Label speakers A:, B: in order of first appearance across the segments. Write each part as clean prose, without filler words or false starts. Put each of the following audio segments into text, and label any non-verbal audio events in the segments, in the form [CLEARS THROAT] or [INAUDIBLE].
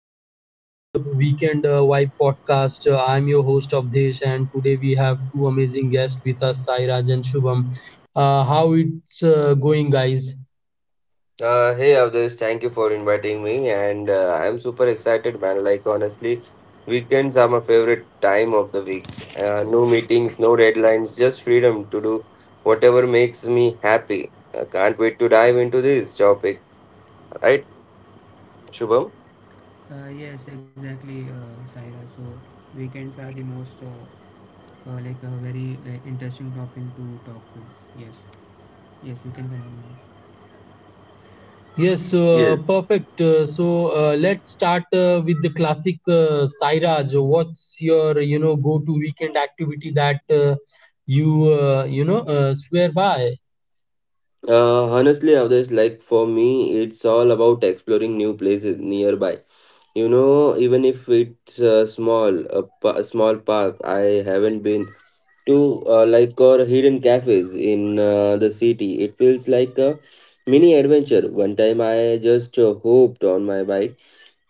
A: welcome back to the Weekend Vibe podcast. I'm your host of Desh, and today we have two amazing guests with us, Sairaj and Shubham. How it's going, guys?
B: Hey Avdesh, thank you for inviting me, and I'm super excited, man. Like honestly, weekends are my favorite time of the week. No meetings, no deadlines, just freedom to do whatever makes me happy. I can't wait to dive into this topic, right, Shubham?
C: Yes, exactly, Saira. So weekends are the most like a very interesting topic to talk to. Yes, yes, you can continue.
A: Yes, so,
B: Yes.
A: perfect. So let's start with the classic, Sairaj. What's your go-to weekend activity that you you know swear by?
B: Honestly, Avdesh, like for me, it's all about exploring new places nearby. You know, even if it's small, a small park I haven't been to, like, or hidden cafes in the city. It feels like a mini adventure. One time I just hopped on my bike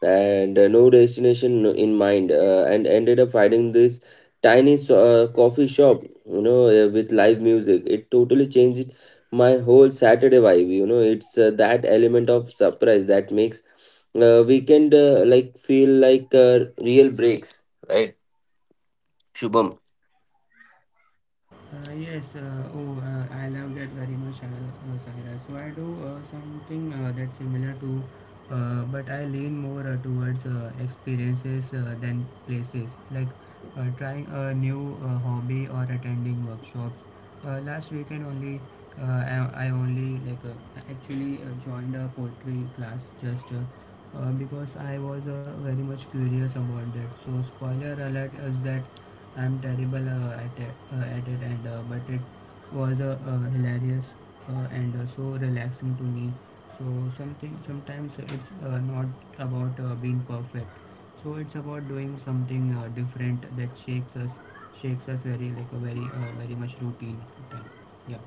B: and, no destination in mind, and ended up finding this tiny coffee shop, you know, with live music. It totally changed my whole Saturday vibe. You know, it's that element of surprise that makes weekend like feel like real breaks, right, Shubham?
C: Uh, yes, uh, oh, I love that very much, Sahira. So I do something that's similar to, but I lean more towards experiences than places, like trying a new hobby or attending workshops. Last weekend only, uh, I only like actually joined a poetry class just because I was very much curious about that. So spoiler alert is that I'm terrible at it, and but it was hilarious and so relaxing to me. So something sometimes it's not about being perfect. So it's about doing something different that shakes us very like a very very much routine time. Yeah.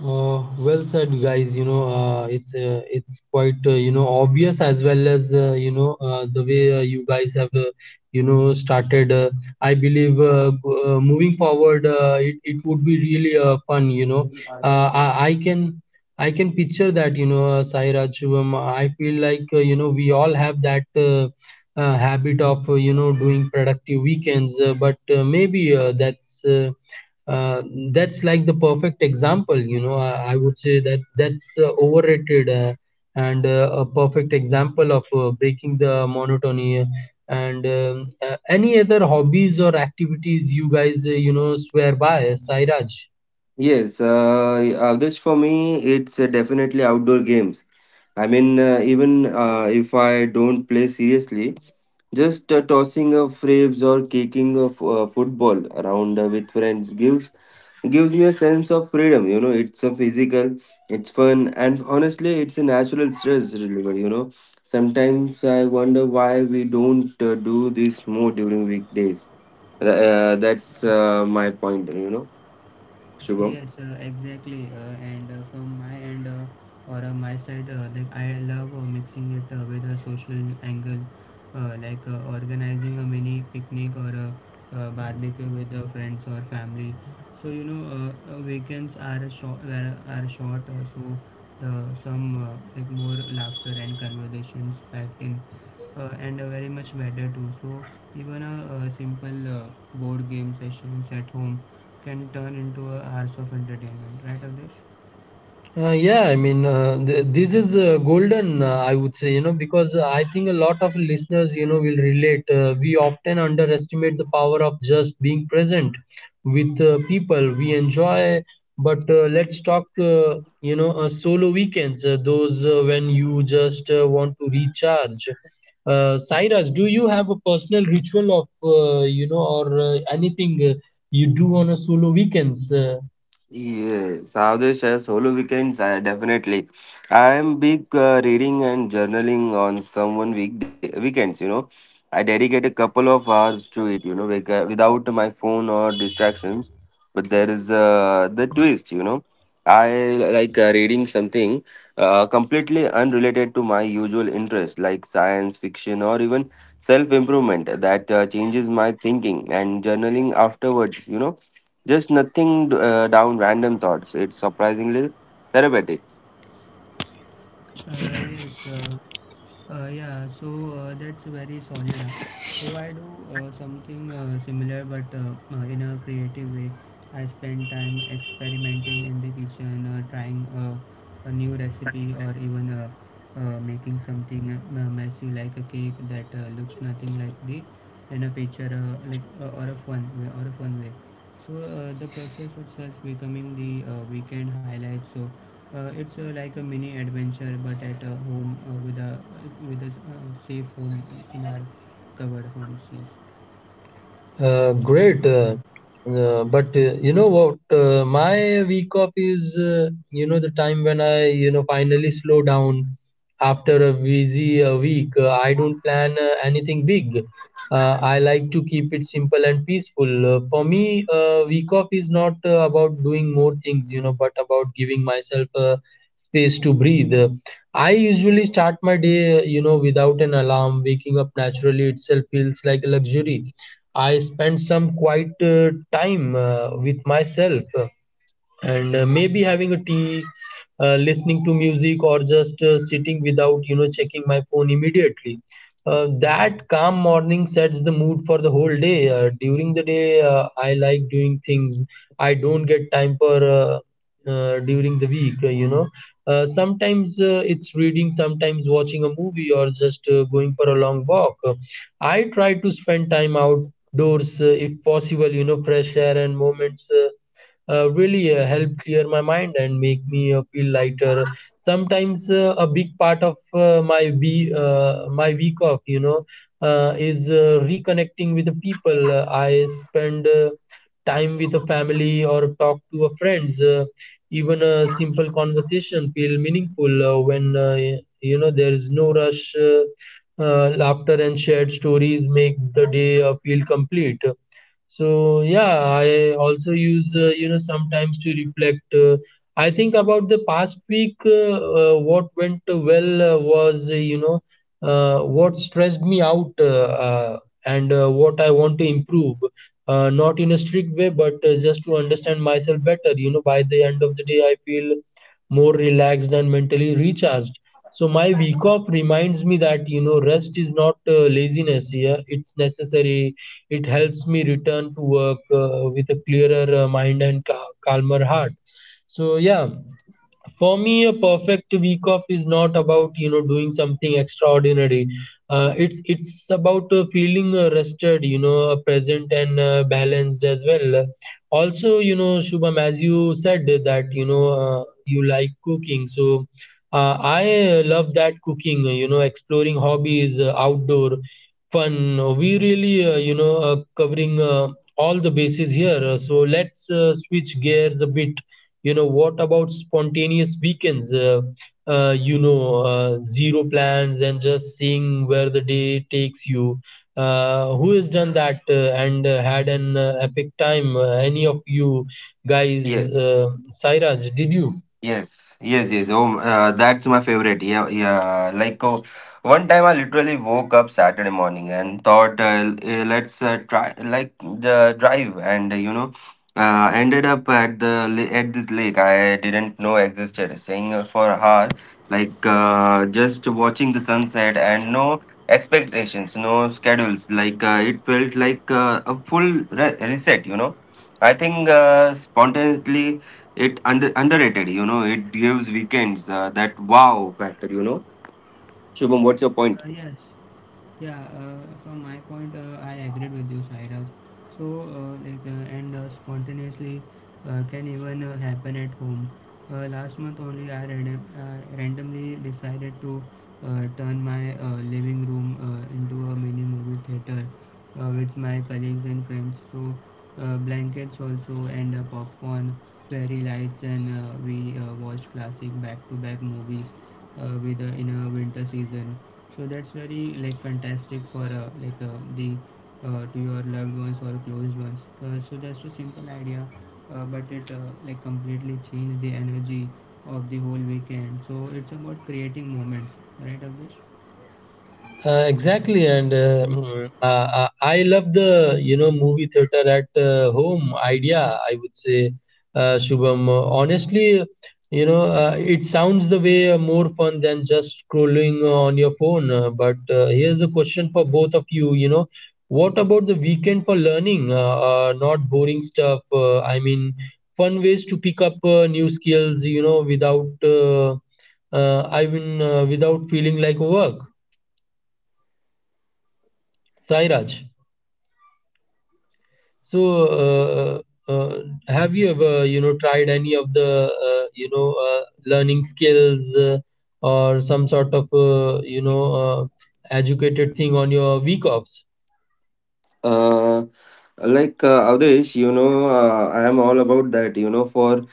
A: Well said, guys. You know, it's quite, obvious, as well as the way you guys have started. I believe, moving forward, it would be really fun. You know, uh, I, I can I can picture that. You know, Sai Raj Shivam. I feel like, we all have that. Habit of doing productive weekends, but maybe uh, that's like the perfect example. I would say that that's overrated, and a perfect example of breaking the monotony, and any other hobbies or activities you guys swear by, Sairaj?
B: Yes, Avdesh, for me, it's definitely outdoor games. I mean, even if I don't play seriously, just tossing of frames or kicking of football around with friends, gives me a sense of freedom. You know, it's a physical, it's fun, and honestly, it's a natural stress reliever. You know, sometimes I wonder why we don't do this more during weekdays. That's my point. You know, Shubham.
C: Yes, exactly. And from my end or on my side, like I love mixing it with a social angle, organizing a mini picnic or a barbecue with friends or family. So you know, weekends are a short, are short, so the some like more laughter and conversations packed in, and very much better too. So even a, simple board game sessions at home can turn into a hours of entertainment, right, Avdesh?
A: Yeah, I mean, this is golden, I would say, you know, because I think a lot of listeners, you know, will relate. We often underestimate the power of just being present with people we enjoy. But let's talk, solo weekends, those when you just want to recharge. Cyrus, do you have a personal ritual of, or anything you do on a solo weekends?
B: Yes, Avdesh has solo weekends, definitely. I am big reading and journaling on someone weekends, you know. I dedicate a couple of hours to it, you know, like without my phone or distractions. But there is the twist, you know. I like reading something completely unrelated to my usual interest, like science fiction or even self improvement, that changes my thinking and journaling afterwards. You know, just nothing down random thoughts. It's surprisingly therapeutic.
C: Uh, yes, uh, that's very solid. Ah. So I do something similar but in a creative way. I spend time experimenting in the kitchen, trying a new recipe or even making something messy like a cake that looks nothing like the in a picture or a fun way. So the process itself becoming the weekend highlight. So it's like a mini adventure, but at a home with a safe home in our covered homes. Yes.
A: Great. But you know what? My week off is, the time when I, you know, finally slow down after a busy week. I don't plan anything big. I like to keep it simple and peaceful. For me, week off is not about doing more things, you know, but about giving myself space to breathe. I usually start my day, without an alarm. Waking up naturally itself feels like a luxury. I spent some quiet time with myself. And maybe having a tea, listening to music, or just sitting without checking my phone immediately. That calm morning sets the mood for the whole day. During the day I like doing things I don't get time for during the week. Sometimes it's reading, sometimes watching a movie, or just going for a long walk. I try to spend time outdoors if possible. Fresh air and moments really help clear my mind and make me feel lighter. Sometimes a big part of my week off, you know, is reconnecting with the people I spend. Time with a family or talk to a friends. Even a simple conversation feel meaningful when, there is no rush. Laughter and shared stories make the day feel complete. So, yeah, I also use sometimes to reflect. I think about the past week, what went well, was, what stressed me out, and what I want to improve, not in a strict way, but just to understand myself better. By the end of the day I feel more relaxed and mentally recharged. So my week off reminds me that, rest is not laziness. Yeah, it's necessary. It helps me return to work with a clearer mind and calmer heart. So, yeah, for me a perfect week off is not about, doing something extraordinary. It's about feeling rested, present, and balanced as well. Also, Shubham, as you said that you like cooking. So I love that, cooking, exploring hobbies, outdoor fun. We really, covering all the bases here. So let's switch gears a bit. You know, what about spontaneous weekends? Zero plans, and just seeing where the day takes you. Who has done that and had an epic time? Any of you guys?
B: Yes.
A: uh, Sairaj, did you?
B: Yes, yes, yes. Oh, that's my favorite. Yeah, yeah. Like one time I literally woke up Saturday morning and thought, let's try like the drive, and you know, ended up at at this lake I didn't know existed. Staying for a hour, like just watching the sunset, and no expectations, no schedules. Like it felt like a full re reset. You know, I think spontaneously. It underrated, you know. It gives weekends that wow factor, you know. Shubham, what's your
C: Uh,
B: point?
C: yes. Yeah, from my point, I agreed with you, Sairaj. So, like, and spontaneously can even happen at home. Last month only, I random, randomly decided to turn my living room into a mini movie theater with my colleagues and friends. So, blankets also and popcorn, fairy lights, and we watched classic back-to-back movies with in a winter season so that's very like fantastic for like the to your loved ones or close ones. So just a simple idea, but it like completely changed the energy of the whole weekend. So it's about creating moments, right, Abhish?
A: Exactly, and I love the, movie theater at home idea. I would say, Shubham. Honestly, you know, it sounds the way more fun than just scrolling on your phone. But here's a question for both of you. You know, what about the weekend for learning? Not boring stuff. I mean, fun ways to pick up new skills. You know, without, I mean, without feeling like work. Sairaj, so uh, uh, uh, have you ever, you know, tried any of the, learning skills, or some sort of, educated thing on your week offs?
B: uh, like Avdesh, you know, I am all about that. You know, for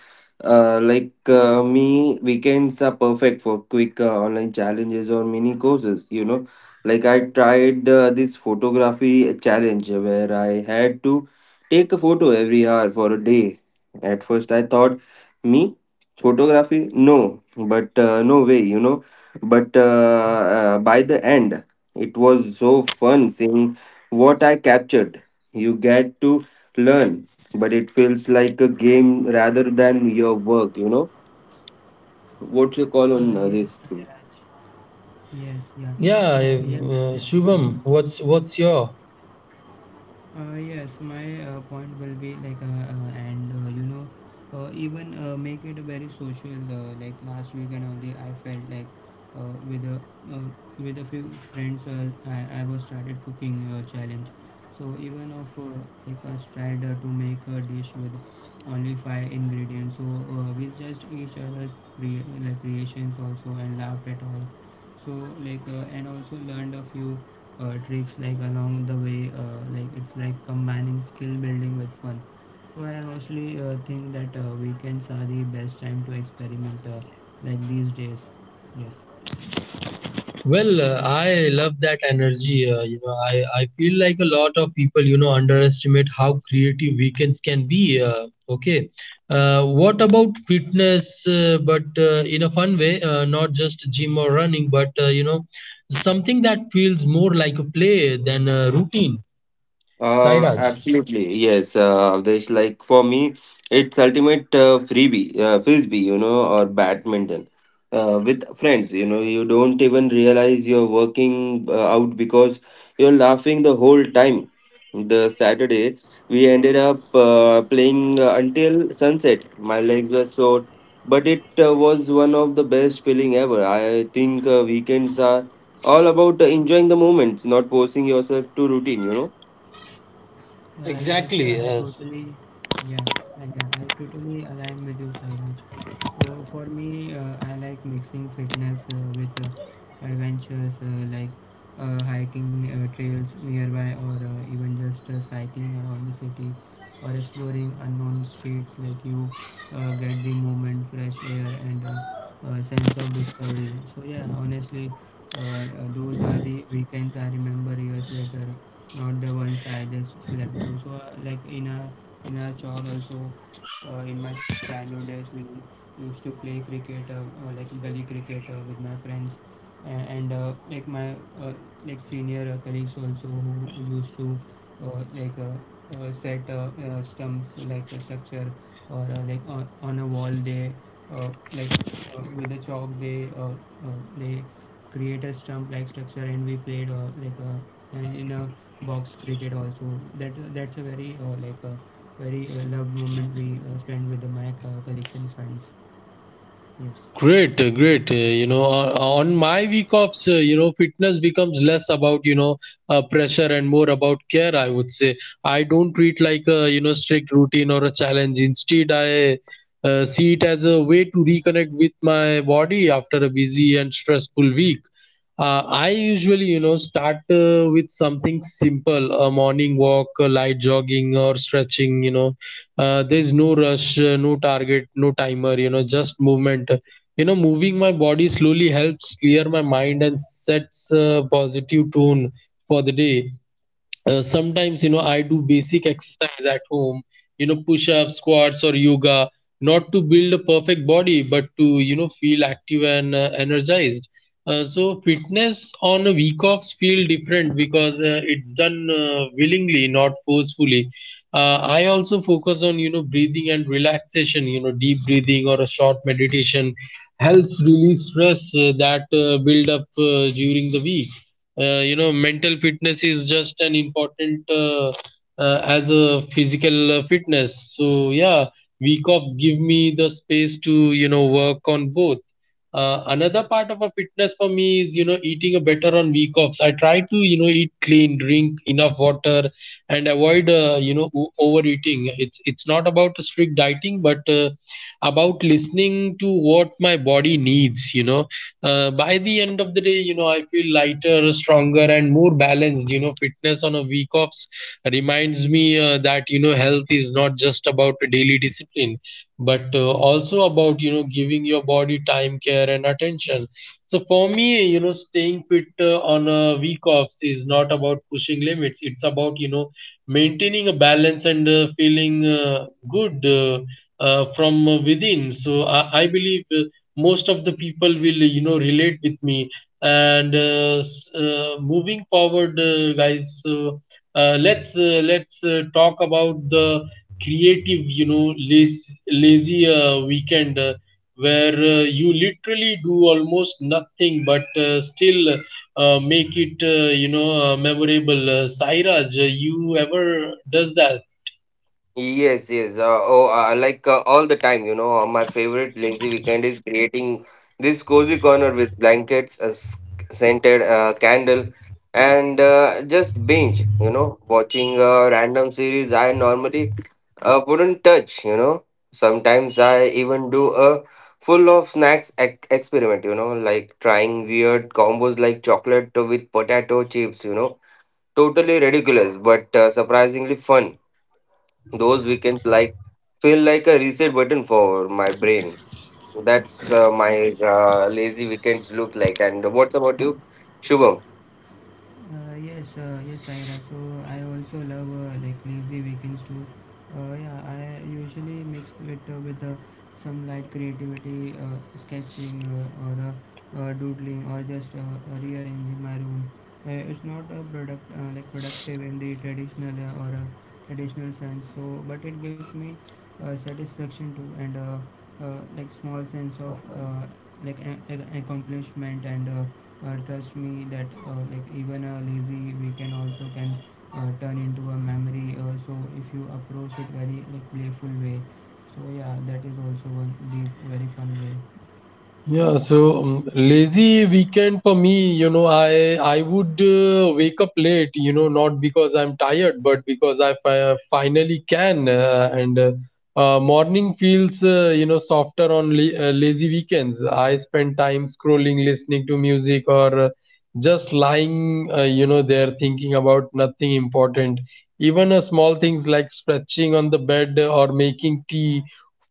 B: like me, weekends are perfect for quick online challenges or mini courses. You know, like I tried this photography challenge where I had to take a photo every hour for a day. At first, I thought, me, photography, no, but no way, you know. But by the end, it was so fun seeing what I captured. You get to learn, but it feels like a game rather than your work, you know? What's your call on
C: Yes,
B: this,
C: Sairaj.
B: too?
C: Yes, yeah.
A: Yeah,
C: Sa-
A: if,
C: yes, exactly,
A: Shubham,
C: Sairaj.
A: what's your?
C: Yes, my point will be like, and you know, even make it very social. Like last weekend only, I felt like uh, with a uh, with a few friends, I was started cooking challenge. So even of like I tried to make a dish with only five ingredients. So we just each other's like creations also and laughed at all. So like and also learned a few trips like along the way like it's like combining skill building with fun. So I honestly think that weekends are the best time to experiment, like these days. Yes.
A: Well, I love that energy. You know, I feel like a lot of people, you know, underestimate how creative weekends can be. Okay. What about fitness, but in a fun way, not just gym or running, but, something that feels more like a play than a routine. Sairaj.
B: Absolutely, yes, Avdesh. Like for me, it's ultimate frisbee, you know, or badminton with friends. You know, you don't even realize you're working out because you're laughing the whole time. The Saturday, we ended up playing until sunset. My legs were sore, but it was one of the best feeling ever. I think weekends are all about enjoying the moments, not forcing yourself to routine. You know.
C: Yes,
A: Exactly.
C: I
A: Yes.
C: totally, yeah, yeah, I totally align with you, Sairaj. So for me, I like mixing fitness with adventures like hiking trails nearby, or even just cycling around the city, or exploring unknown streets. Like you get the movement, fresh air, and sense of discovery. So yeah, honestly, those are the weekends I remember years later, not the ones I just slept through. So like in a in our chore also, in my childhood days we used to play cricket, like gully cricket with my friends, and like my uh, like senior colleagues also who used to uh, like uh, set stumps like a structure or like on a wall they uh, like with a chalk they create a stump like structure and we played in a box cricket also. That that's a very like a very loved moment we spend with the my colleagues and friends. Yes.
A: Great, great. You know, on my week offs, fitness becomes less about, pressure and more about care. I would say, I don't treat like a, strict routine or a challenge. Instead, I see it as a way to reconnect with my body after a busy and stressful week. I usually, you know, start with something simple, a morning walk, a light jogging or stretching, you know. There's no rush, no target, no timer, you know, just movement. You know, moving my body slowly helps clear my mind and sets a positive tone for the day. Sometimes, I do basic exercise at home, push ups, squats, or yoga. Not to build a perfect body, but to, feel active and energized. So fitness on a week offs feel different because it's done willingly, not forcefully. I also focus on, breathing and relaxation. Deep breathing or a short meditation helps release stress that build up during the week. Mental fitness is just an important as a physical fitness. So yeah, week offs give me the space to, work on both. Another part of a fitness for me is, eating a better on week offs. I try to, eat clean, drink enough water, and avoid, overeating. It's not about a strict dieting, but about listening to what my body needs. You know, by the end of the day, you know, I feel lighter, stronger, and more balanced. You know, fitness on a week offs reminds me that, health is not just about a daily discipline, but also about, giving your body time, care, and attention. So for me, staying fit on a week off is not about pushing limits, it's about, maintaining a balance and feeling good from within. So I believe most of the people will, relate with me. And moving forward guys, let's talk about the creative, you know, lazy weekend, where you literally do almost nothing, but still make it, memorable. Sairaj, you ever does that?
B: Yes, yes. Oh, like all the time, you know, my favorite lazy weekend is creating this cozy corner with blankets, a scented candle, and just binge, you know, watching a random series I normally wouldn't touch, you know. Sometimes I even do a full of snacks ec experiment, you know, like trying weird combos like chocolate with potato chips, you know. Totally ridiculous, but surprisingly fun. Those weekends like feel like a reset button for my brain. That's my lazy weekends look like. And what's about you, Shubham?
C: Yes, Ira. So I also love like lazy weekends too. Yeah, I usually mix it with some light creativity, sketching, or doodling, or just rearranging my room. It's not a product like productive in the traditional sense. So, but it gives me satisfaction too, and like small sense of like accomplishment and. Trust me that like even a lazy weekend also can turn into a memory. So if you approach it very like playful way, so yeah, that is also one the very fun way.
A: Yeah, so lazy weekend for me, you know, I would wake up late, you know, not because I'm tired, but because I finally can, and morning feels softer on lazy weekends. I spend time scrolling, listening to music, or just lying there, thinking about nothing important. Even small things like stretching on the bed or making tea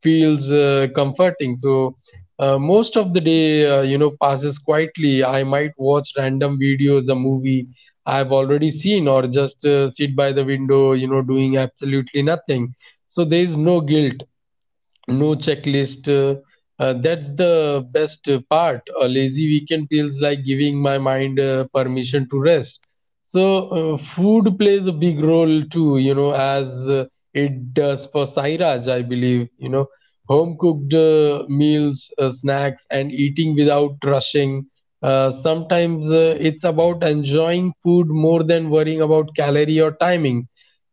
A: feels comforting. So. Most of the day, passes quietly. I might watch random videos, a movie I've already seen, or just sit by the window, you know, doing absolutely nothing. So there is no guilt, no checklist. That's the best part. A lazy weekend feels like giving my mind permission to rest. So, food plays a big role too, you know, as it does for Sairaj, I believe. You know, home cooked meals, snacks, and eating without rushing. Sometimes it's about enjoying food more than worrying about calorie or timing.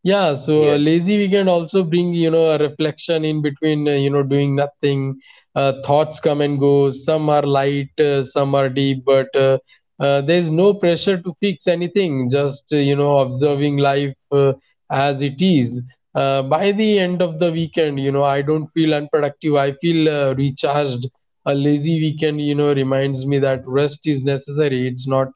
A: Yeah, so a
B: Yeah.
A: lazy weekend also bring, you know, a reflection in between, you know, doing nothing. Thoughts come and go. Some are light, some are deep, but there's no pressure to fix anything. Just, you know, observing life as it is. By the end of the weekend, you know, I don't feel unproductive. I feel recharged. A lazy weekend, you know, reminds me that rest is necessary. It's not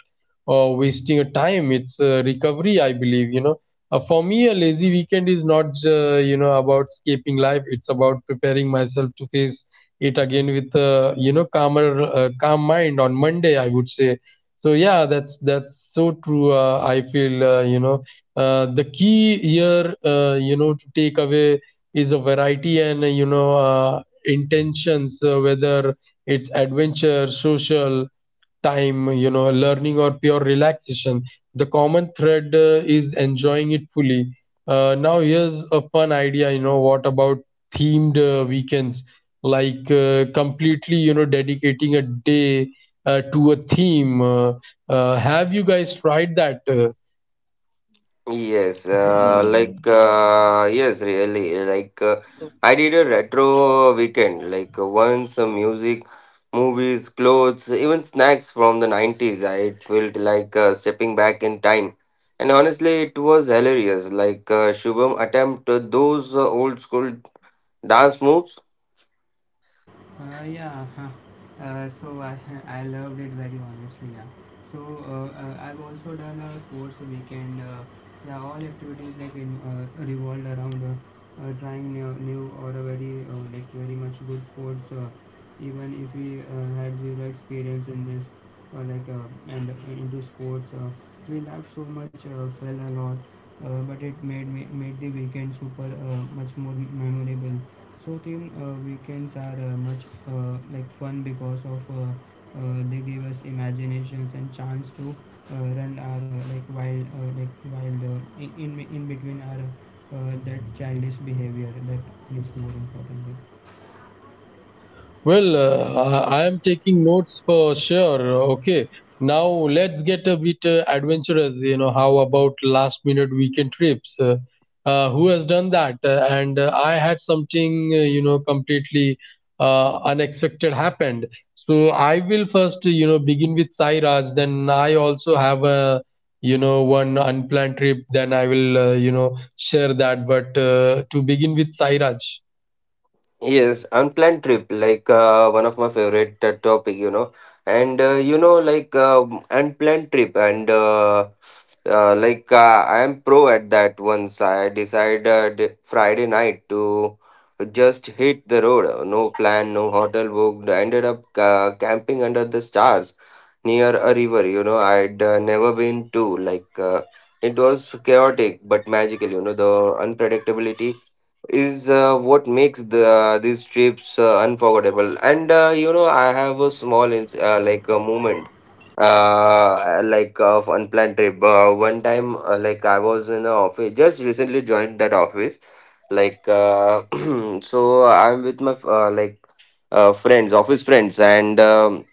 A: wasting a time. It's recovery, I believe. You know. For me, a lazy weekend is not, you know, about escaping life. It's about preparing myself to face it again with, you know, calmer, calm mind on Monday, I would say. So yeah, that's so true. I feel, you know, the key here, you know, to take away is a variety and, you know, intentions, whether it's adventure, social time, you know, learning or pure relaxation. The common thread is enjoying it fully. Now, here's a fun idea, you know. What about themed weekends? Like, completely, you know, dedicating a day to a theme. Have you guys tried that?
B: Yes, like yes, really. Like I did a retro weekend. Like once, some music, movies, clothes, even snacks from the 90s. I it felt like stepping back in time, and honestly, it was hilarious. Like Shubham attempt those old school dance moves.
C: Uh, yeah, huh. I [LAUGHS] I loved it very honestly. Yeah. So I've also done a sports weekend. Yeah, all activities like in, revolved around trying new or a very like very much good sports. Even if we had zero experience in this, like and into sports, we laughed so much, fell a lot, but it made the weekend super much more memorable. So team weekends are much like fun because of they give us imaginations and chance to run our like wild in between our that childish behavior that is more important.
A: Well, I am taking notes for sure. Okay, now let's get a bit adventurous. You know, how about last minute weekend trips? Who has done that? And I had something, you know, completely unexpected happened. So I will first, you know, begin with Sairaj. Then I also have a, you know, one unplanned trip. Then I will, you know, share that. But to begin with Sairaj.
B: Yes, unplanned trip, like one of my favorite topic, you know, and you know, like unplanned trip, and like I am pro at that. Once I decided Friday night to just hit the road, no plan, no hotel booked. I ended up camping under the stars near a river. You know, I'd never been to. Like it was chaotic but magical. You know, the unpredictability is what makes the these trips unforgettable. And you know, I have a small ins like a moment like of unplanned trip. One time, like I was in a office, just recently joined that office. Like [CLEARS THROAT] so I'm with my like friends, office friends, and um,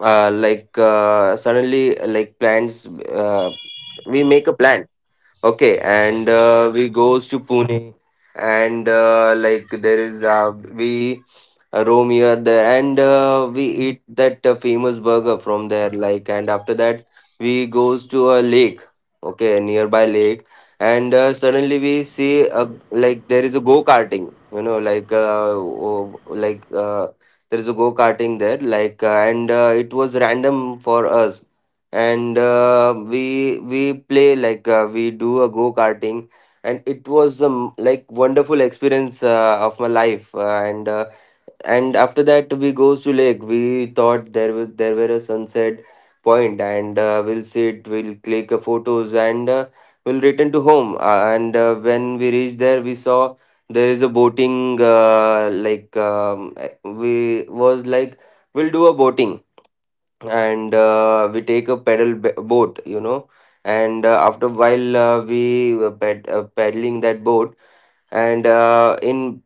B: uh, like, suddenly like plans. We make a plan. Okay, and we goes to Pune, and like there is, we roam here there, and we eat that famous burger from there. Like, and after that we goes to a lake, okay, a nearby lake, and suddenly we see a, like there is a go karting, you know, like, oh, like, there is a go karting there, like, and it was random for us, and we play like, we do a go karting, and it was like wonderful experience of my life. And after that we goes to lake. We thought there were a sunset point, and we'll sit, we'll click photos, and we'll return to home. And When we reached there, we saw there is a boating, we was like we'll do a boating, and we take a pedal boat, you know, and after while we were paddling that boat, and in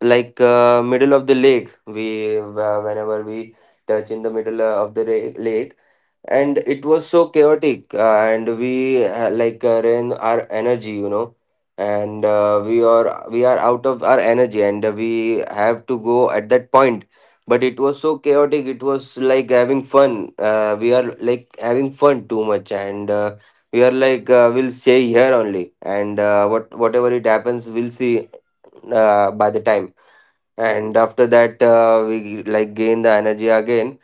B: like middle of the lake we, whenever we touch in the middle of the lake, and it was so chaotic, and we ran our energy, you know, and we are out of our energy, and we have to go at that point, but it was so chaotic. It was like having fun. We are like having fun too much, and we are like, we'll stay here only, and what whatever it happens, we'll see by the time. And after that we like gain the energy again.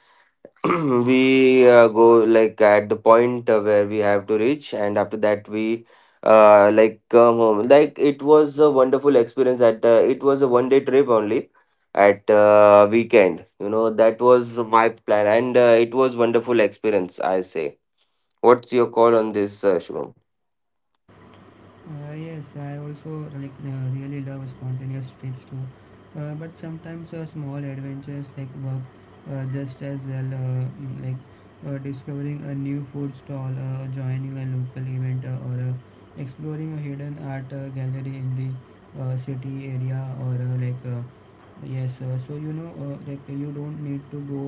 B: [CLEARS THROAT] We go like at the point where we have to reach, and after that we like come home. Like it was a wonderful experience at, it was a one day trip only at weekend, you know. That was my plan, and it was wonderful experience, I say. What's your call on this, Shubham?
C: Yes, I also like really love spontaneous trips too, but sometimes small adventures like work just as well, like discovering a new food stall, joining a local event, or exploring a hidden art gallery in the city area, so you know, like you don't need to go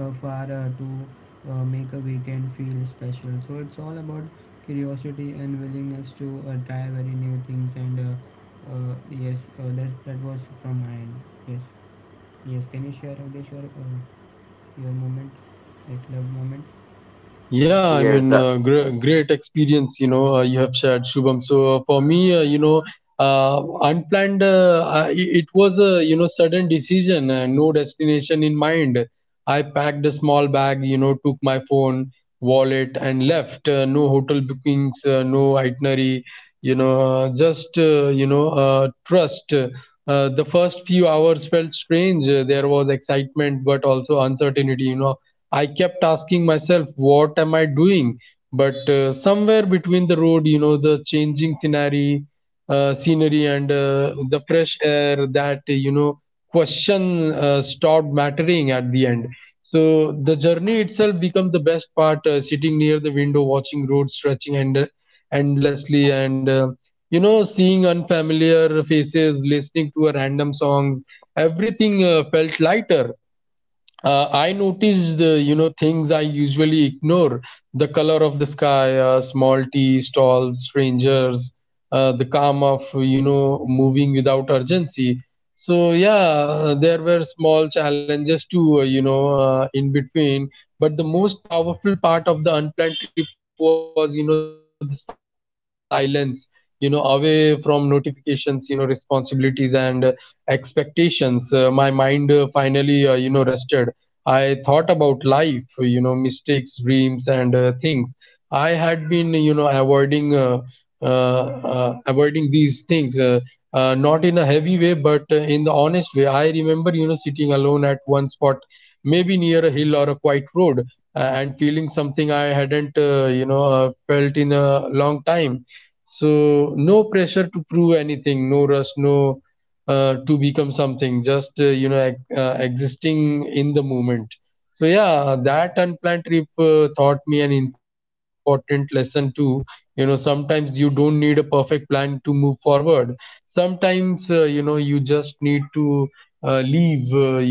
C: far to make a weekend feel special. So it's all about curiosity and willingness to try very new things. And yes That that was from my end. Yes. Yes, can you share, Avdesh, your moment, like love moment?
A: Yeah, I mean,
B: Yes, sir.
A: great experience, you know, you have shared, Shubham. So for me, you know, unplanned, I, it was a, you know, sudden decision, no destination in mind. I packed a small bag, you know, took my phone, wallet, and left. No hotel bookings, no itinerary, you know, just, you know, trust. The first few hours felt strange. There was excitement, but also uncertainty. You know, I kept asking myself, what am I doing? But somewhere between the road, you know, the changing scenery, and the fresh air, that, you know, question stopped mattering at the end. So the journey itself became the best part. Sitting near the window, watching roads stretching and endlessly, and, you know, seeing unfamiliar faces, listening to a random songs, everything felt lighter. I noticed the, you know, things I usually ignore: the color of the sky, small tea stalls, strangers, the calm of, you know, moving without urgency. So yeah, there were small challenges too, you know, in between. But the most powerful part of the unplanned trip was, you know, the silence, you know, away from notifications, you know, responsibilities and expectations. My mind finally, you know, rested. I thought about life, you know, mistakes, dreams, and things I had been, you know, avoiding. Uh, uh, avoiding these things, uh, Not in a heavy way, but in the honest way. I remember, you know, sitting alone at one spot, maybe near a hill or a quiet road, and feeling something I hadn't, you know, felt in a long time. So no pressure to prove anything, no rush, no to become something, just, you know, existing in the moment. So yeah, that unplanned trip taught me an important lesson too. You know, sometimes you don't need a perfect plan to move forward. Sometimes, you know, you just need to leave, you know, um,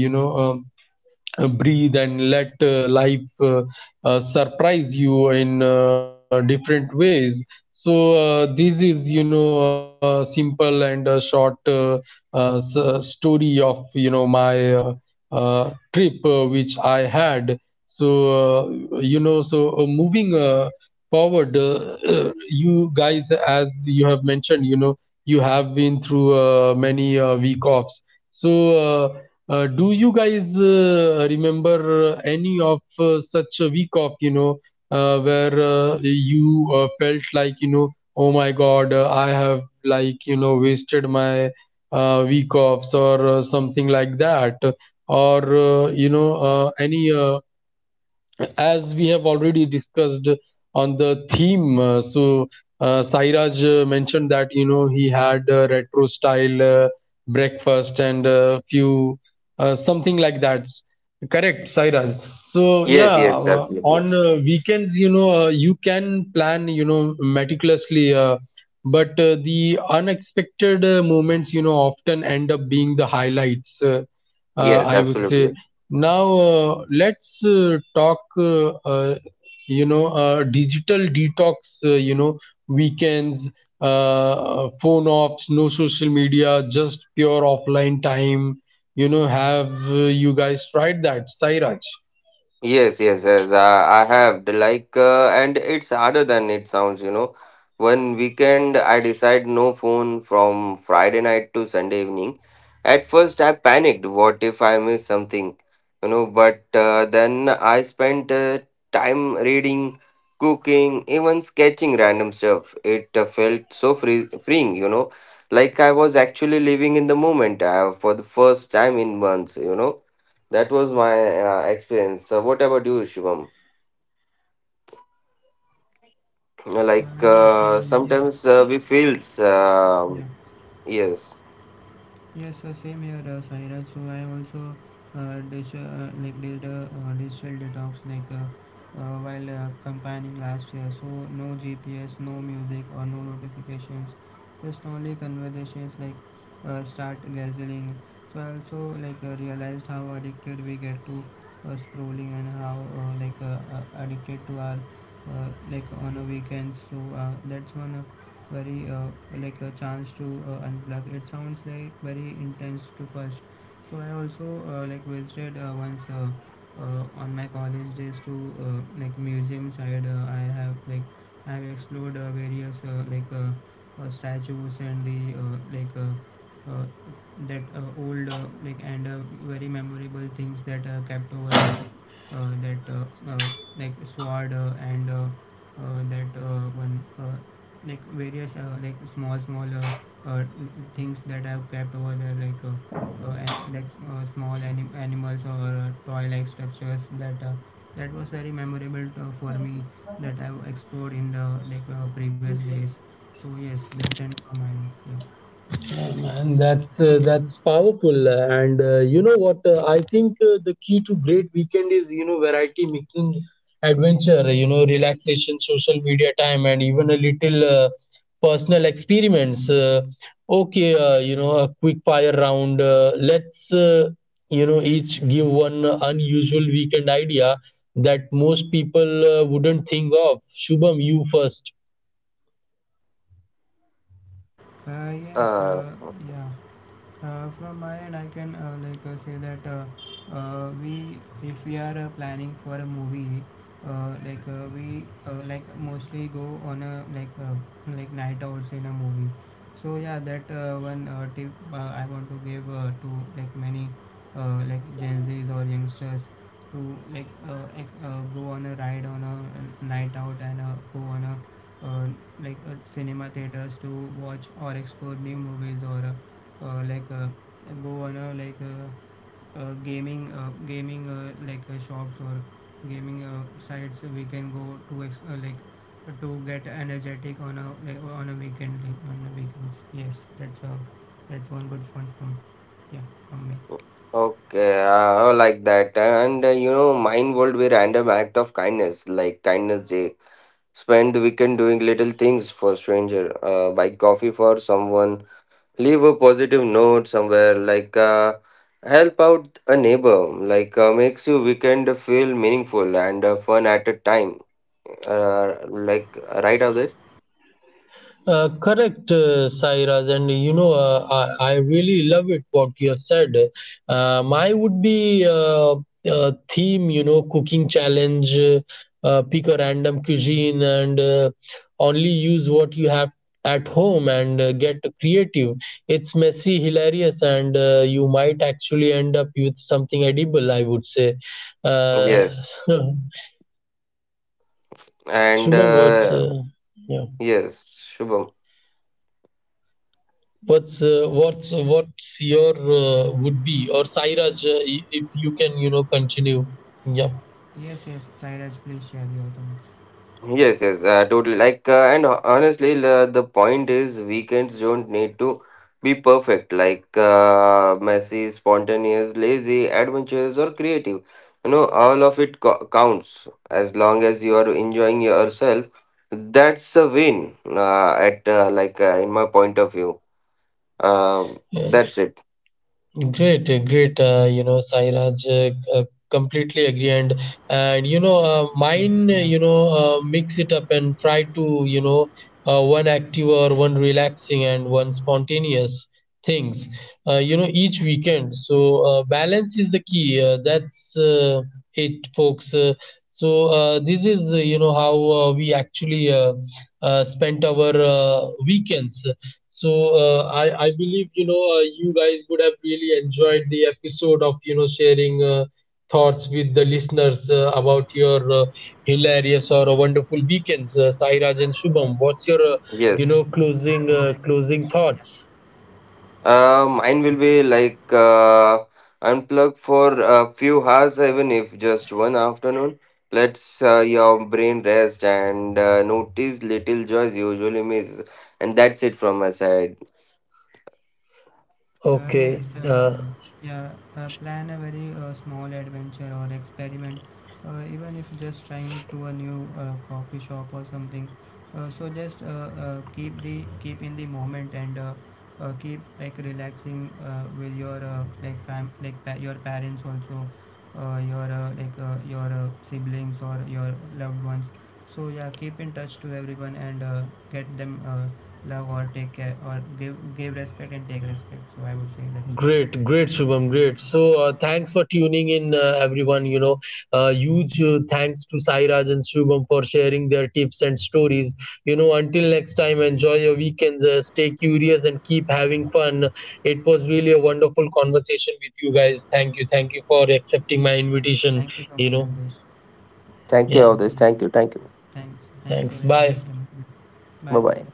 A: uh, breathe, and let life surprise you in different ways. So this is, you know, a simple and a short story of, you know, my trip which I had. So you know, so moving forward, [CLEARS THROAT] you guys, as you have mentioned, you know, you have been through many week offs. So uh, do you guys remember any of such a week off, you know, where you felt like, you know, oh my God, I have, like, you know, wasted my week offs or something like that? Or, you know, any as we have already discussed on the theme. So Sairaj mentioned that, you know, he had retro style breakfast and few something like that, correct Sairaj? So yeah,
B: Yes, yes,
A: on
B: absolutely.
A: weekends, you know, you can plan, you know, meticulously, but the unexpected moments, you know, often end up being the highlights,
B: Yes,
A: I would say.
B: absolutely.
A: Now, let's talk, you know, digital detox, you know, weekends, phone offs, no social media, just pure offline time. You know, have you guys tried that, Sairaj?
B: Yes, yes, yes. I have the like, and it's harder than it sounds. You know, one weekend I decide no phone from Friday night to Sunday evening. At first, I panicked. What if I miss something? You know, but then I spent time reading, cooking, even sketching random stuff. It felt so freeing. You know, like I was actually living in the moment for the first time in months. You know that was my experience. What about you, Shivam?
C: uh,
B: Like
C: yes uh, yeah
B: sometimes we feels
C: yeah
B: yes.
C: Yes, same here, Saira. So I also like did a digital detox like while campaigning last year. So no GPS, no music, or no notifications. Just only conversations like start gathering. So I also like realized how addicted we get to scrolling and how addicted to our like on the weekends. So that's one. Very like a chance to unplug. It sounds like very intense to first. So I also like visited once on my college days to like museum side. I have explored various statues and the uh, that old like and very memorable things that are kept over there, that uh, like sword and that one like various like small small uh, things that I've kept over there like and like small animals or toy like structures that that was very memorable to, for me, that I've explored in the previous days. So yes, that's end from mine. Yeah.
A: Oh, man, that's powerful, and you know what? I think the key to great weekend is, you know, variety, mixing adventure, you know, relaxation, social media time, and even a little personal experiments. Okay, you know, a quick fire round. Let's, you know, each give one unusual weekend idea that most people wouldn't think of. Shubham, you first.
C: Uh, yes.
B: Uh,
C: Uh, yeah. From my end, I can say that we, if we are planning for a movie, we like mostly go on a like night outs in a movie. So yeah, that one tip I want to give to like many like Gen Zs or youngsters to like go on a ride on a night out and go on a uh, cinema theaters to watch or explore new movies or. Like go on a like gaming gaming like shops or gaming sites we can go to like to get energetic on a like, on a weekend, on the weekends. Yes, that's a, that's one good fun from, yeah, from me.
B: Okay, I like that. And you know, mine would be random act of kindness, like kindness day. Spend the weekend doing little things for stranger. Buy coffee for someone. Leave a positive note somewhere. Like help out a neighbor. Like makes your weekend feel meaningful and fun at a time. uh, like right of this.
A: Correct, Sairaj, and you know, I really love it what you have said. My would be a theme, you know, cooking challenge, pick a random cuisine and only use what you have at home and get creative. It's messy, hilarious, and you might actually end up with something edible, I would say. Uh,
B: Yes,
A: [LAUGHS]
B: and
A: Shubham words, yeah.
B: yes, Shubham.
A: What's what's what's your, would be? Or Sairaj, if you can, you know, continue. Yep.
C: Yes, yes, Sairaj, please share your thoughts.
B: Yes, yes, totally, like, and honestly, the point is weekends don't need to be perfect. Like messy, spontaneous, lazy, adventurous, or creative, you know, all of it counts as long as you are enjoying yourself. That's a win at, like, in my point of view. Um, that's it.
A: Great, great. You know, Sairaj, completely agree. And you know,
C: Yes.
A: mine,
C: Yeah.
A: you know, mix it up and try to, you know, one active or one relaxing and one spontaneous things. You know, each weekend. So balance is the key. That's it, folks. So this is, you know, how we actually spent our weekends. So I believe, you know, you guys would have really enjoyed the episode of, you know, sharing thoughts with the listeners about your hilarious or wonderful weekends, Sairaj and Shubham. What's your, you
C: Yes,
B: Yes.
A: know,
C: yes,
A: closing,
C: exactly.
A: closing thoughts?
B: Mine will be like unplug for a few hours, even if just one afternoon. Let's your brain rest and notice little joys usually miss. And that's it from my side.
C: Uh, yes,
A: Okay.
C: uh,
A: Uh,
C: yeah, Plan a very small adventure or experiment, even if just trying to a new coffee shop or something. So just keep the keep in the moment and keep like relaxing with your your parents also, your siblings or your loved ones. So yeah, keep in touch to everyone and get them. Love or take care or give respect and take respect. So I would say that's it.
A: Great, great, Shubham, great. So, thanks for tuning in, everyone. You know, huge thanks to Sairaj and Shubham for sharing their tips and stories. You know, until next time, enjoy your weekends, stay curious, and keep having fun. It was really a wonderful conversation with you guys. Thank you for accepting my invitation.
C: Thank you so
A: You
C: much,
A: know,
C: Aldesh.
B: Thank you
A: yeah,
B: all
C: Yeah.
B: this. Thank you. Thank you.
C: Thanks. Thanks for
A: thanks.
C: your
A: Bye.
C: welcome.
B: Bye bye.
C: Bye.